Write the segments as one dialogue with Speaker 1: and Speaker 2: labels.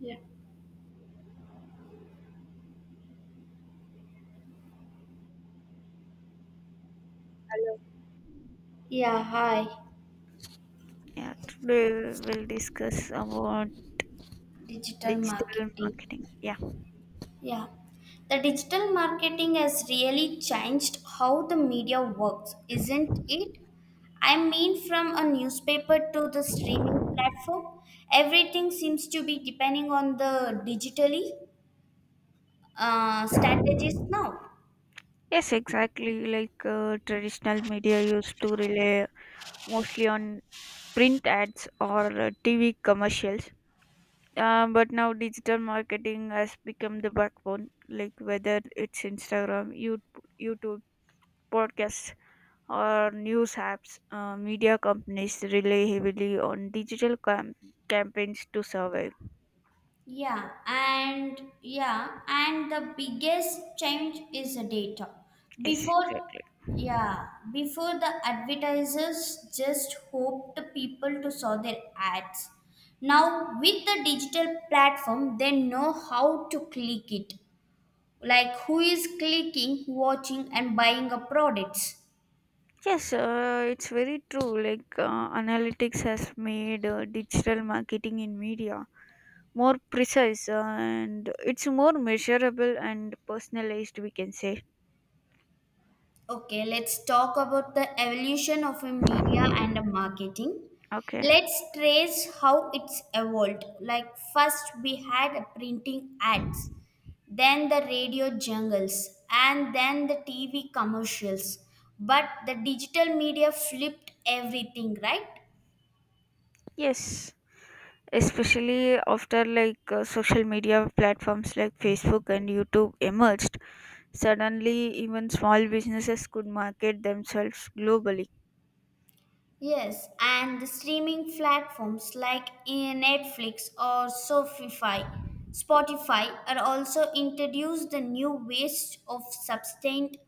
Speaker 1: Yeah.
Speaker 2: Hello.
Speaker 1: Yeah, hi.
Speaker 2: Yeah, today we'll discuss about
Speaker 1: Digital
Speaker 2: digital
Speaker 1: marketing.
Speaker 2: marketing. Yeah,
Speaker 1: Yeah. The digital marketing has really changed how the media works, isn't it? I mean, from a newspaper to the streaming platform, everything seems to be depending on the digitally strategies now.
Speaker 2: yes, exactly. Like traditional media used to rely mostly on print ads or TV commercials. But now digital marketing has become the backbone. Like whether it's Instagram, YouTube, podcasts, or news apps, media companies rely heavily on digital campaigns to survive.
Speaker 1: And the biggest change is the data.
Speaker 2: Yes,
Speaker 1: Before,
Speaker 2: exactly.
Speaker 1: yeah, before the advertisers just hoped the people to saw their ads. Now with the digital platform, they know how to click it, like who is clicking, watching, and buying a products.
Speaker 2: Yes, it's very true. Like analytics has made digital marketing in media more precise and it's more measurable and personalized, we can say.
Speaker 1: Okay, let's talk about the evolution of a media and a marketing.
Speaker 2: Okay.
Speaker 1: Let's trace how it's evolved. Like first we had a printing ads, then the radio jingles, and then the TV commercials. But the digital media flipped everything, right?
Speaker 2: Yes. Especially after like social media platforms like Facebook and YouTube emerged, suddenly even small businesses could market themselves globally.
Speaker 1: Yes, and the streaming platforms like in Netflix or Spotify are also introduced the new ways of sustained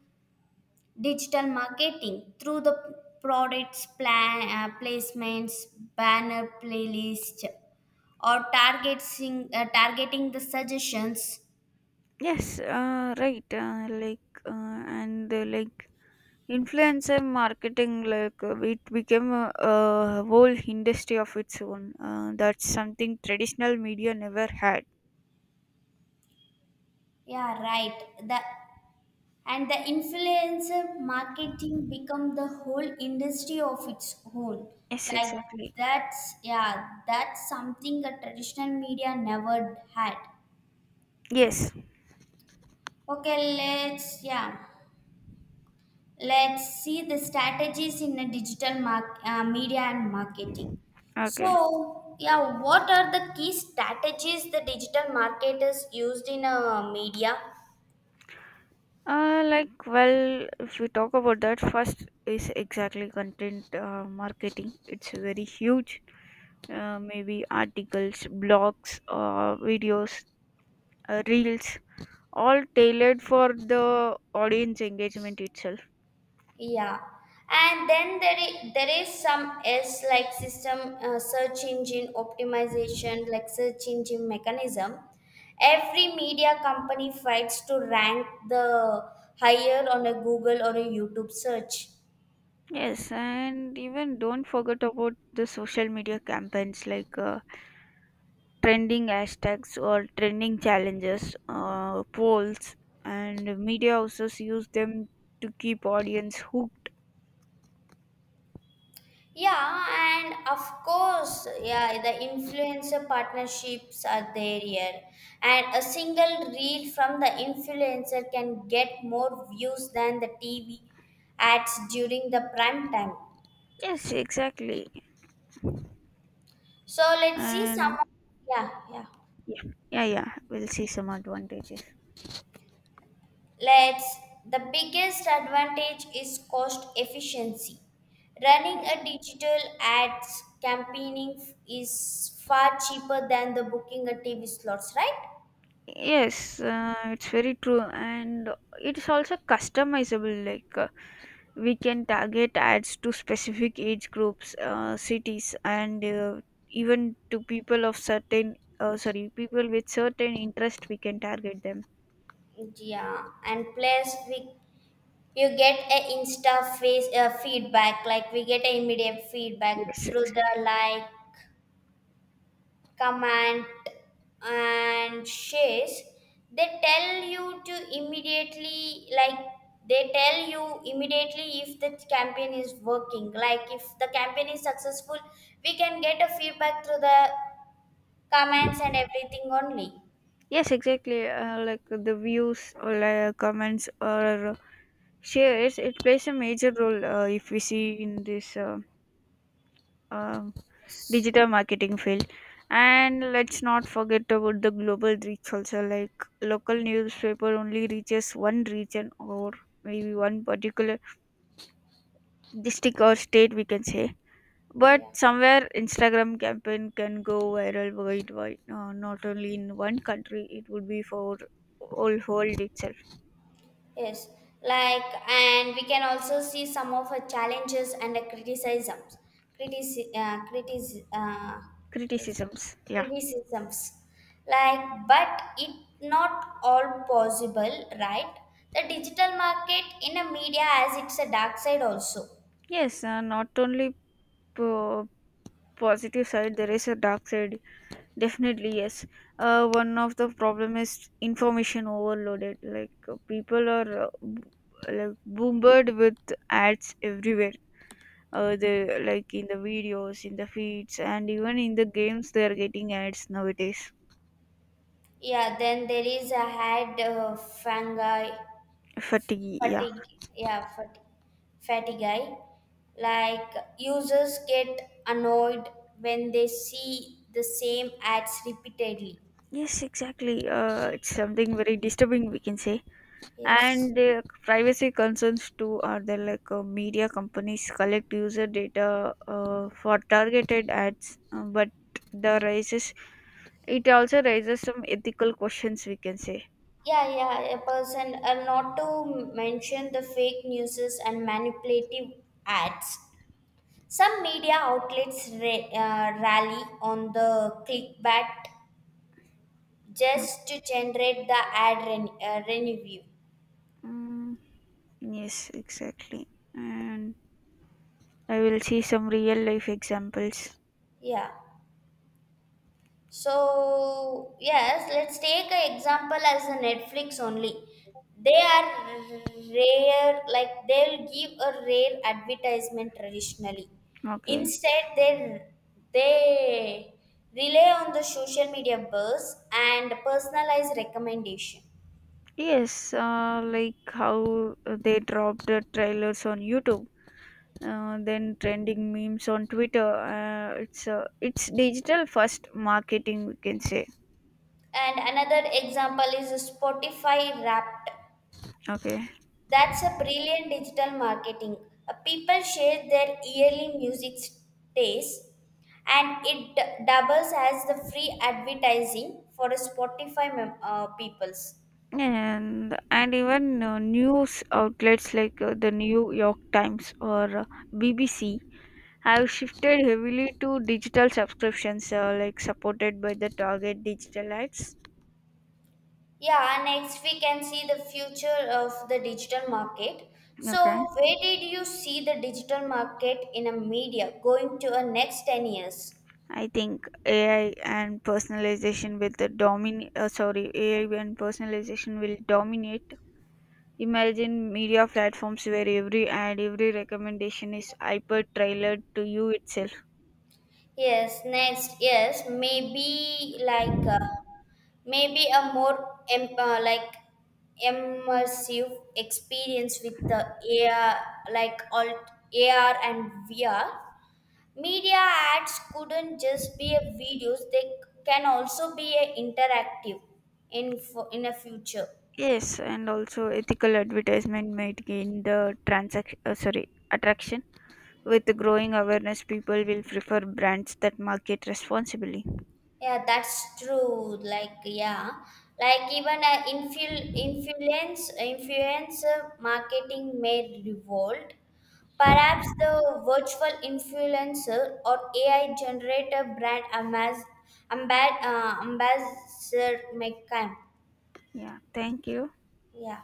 Speaker 1: digital marketing through the products plan, placements, banner playlist, or targeting the suggestions.
Speaker 2: Yes, right. Uh, like influencer marketing, like it became a whole industry of its own. That's something traditional media never had.
Speaker 1: Yeah, right. The and the influencer marketing become the whole industry of its own,
Speaker 2: Yes,
Speaker 1: like
Speaker 2: exactly.
Speaker 1: that's, yeah, that's something a traditional media never had.
Speaker 2: Yes.
Speaker 1: Okay, let's see the strategies in the digital media and marketing.
Speaker 2: Okay.
Speaker 1: So, yeah, what are the key strategies the digital marketers used in a media?
Speaker 2: Well, if we talk about that, first is exactly content marketing. It's very huge. Maybe articles, blogs, videos, reels, all tailored for the audience engagement itself.
Speaker 1: Yeah, and then there is some S like system search engine optimization, like search engine mechanism. Every media company fights to rank the higher on a Google or a YouTube search.
Speaker 2: Yes, and even don't forget about the social media campaigns like trending hashtags or trending challenges, polls, and media houses use them to keep audience hooked.
Speaker 1: Yeah, and of course, yeah, the influencer partnerships are there here. And a single reel from the influencer can get more views than the TV ads during the prime time.
Speaker 2: Yes, exactly.
Speaker 1: So let's see
Speaker 2: And
Speaker 1: some. Yeah, yeah.
Speaker 2: yeah, yeah, we'll see some advantages.
Speaker 1: Let's. The biggest advantage is cost efficiency. Running
Speaker 2: Yes.
Speaker 1: a digital ads campaigning is far cheaper than the booking a TV slots, right?
Speaker 2: Yes, it's very true, and it's also customizable. We can target ads to specific age groups, cities, and even to people of certain —sorry, people with certain interest. We can target them.
Speaker 1: Yeah, and plus we you get a insta face feedback, like we get a immediate feedback
Speaker 2: Yes,
Speaker 1: through the
Speaker 2: exactly.
Speaker 1: like command and shares. they tell you to immediately like they tell you immediately if the campaign is working, like if the campaign is successful we can get a feedback through the comments and everything only.
Speaker 2: Yes, exactly. Like the views or like comments or shares, it plays a major role if we see in this. Um,
Speaker 1: Yes,
Speaker 2: Digital marketing field, and let's not forget about the global reach also. Like local newspaper only reaches one region, or maybe one particular district or state we can say, but
Speaker 1: yeah.
Speaker 2: somewhere Instagram campaign can go viral worldwide, not only in one country, it would be for all world itself.
Speaker 1: Yes, like, and we can also see some of her challenges and the criticisms, critici- uh, critis- uh, yes,
Speaker 2: Criticisms, yeah.
Speaker 1: criticisms. Like, but it not all possible, right? The digital market in a media as it's a dark side also.
Speaker 2: Yes, not only po- positive side, there is a dark side. Definitely, yes. One of the problem is information overloaded. Like people are like bombarded with ads everywhere. They like in the videos, in the feeds, and even in the games, they are getting ads nowadays.
Speaker 1: Yeah, then there is a ad fungi
Speaker 2: Fatigue, yeah.
Speaker 1: fatigue yeah fat, fatigue, like users get annoyed when they see the same ads repeatedly.
Speaker 2: Yes, exactly. It's something very disturbing, we can say.
Speaker 1: Yes,
Speaker 2: And privacy concerns too are there. Like media companies collect user data for targeted ads, but the raises it also raises some ethical questions, we can say.
Speaker 1: yeah. Yeah, a person, not to mention the fake newses and manipulative ads. Some media outlets rally on the clickbait
Speaker 2: Yeah.
Speaker 1: just to generate the ad revenue.
Speaker 2: Mm, yes, exactly. And I will see some real life examples.
Speaker 1: Yeah. So, yes, let's take an example as a Netflix only. They are rare, like they'll give a rare advertisement traditionally.
Speaker 2: Okay.
Speaker 1: Instead, they rely on the social media buzz and personalized recommendation.
Speaker 2: Yes, like how they dropped the trailers on YouTube, then trending memes on Twitter. It's digital first marketing, we can say.
Speaker 1: And another example is Spotify Wrapped.
Speaker 2: Okay,
Speaker 1: That's a brilliant digital marketing. People share their yearly music tastes, and it doubles as the free advertising for a Spotify peoples.
Speaker 2: and even news outlets like the New York Times or BBC have shifted heavily to digital subscriptions, like supported by the target digital ads.
Speaker 1: Yeah, next we can see the future of the digital market.
Speaker 2: Okay,
Speaker 1: So, where did you see the digital market in a media going to a next 10 years?
Speaker 2: I think AI and personalization with the domin sorry AI and personalization will dominate. Imagine media platforms where every ad, every recommendation is hyper tailored to you itself.
Speaker 1: Yes, next, yes, maybe like maybe a more like immersive experience with the AR, like alt AR and VR. Media ads couldn't just be a videos; they can also be a interactive in a future.
Speaker 2: Yes, and also ethical advertisement might gain the —sorry, attraction. With the growing awareness, people will prefer brands that market responsibly.
Speaker 1: Yeah, that's true. Like, yeah, like even influencer marketing may revolt. Perhaps the virtual influencer or AI generator brand ambassador may come.
Speaker 2: Yeah, thank you.
Speaker 1: Yeah.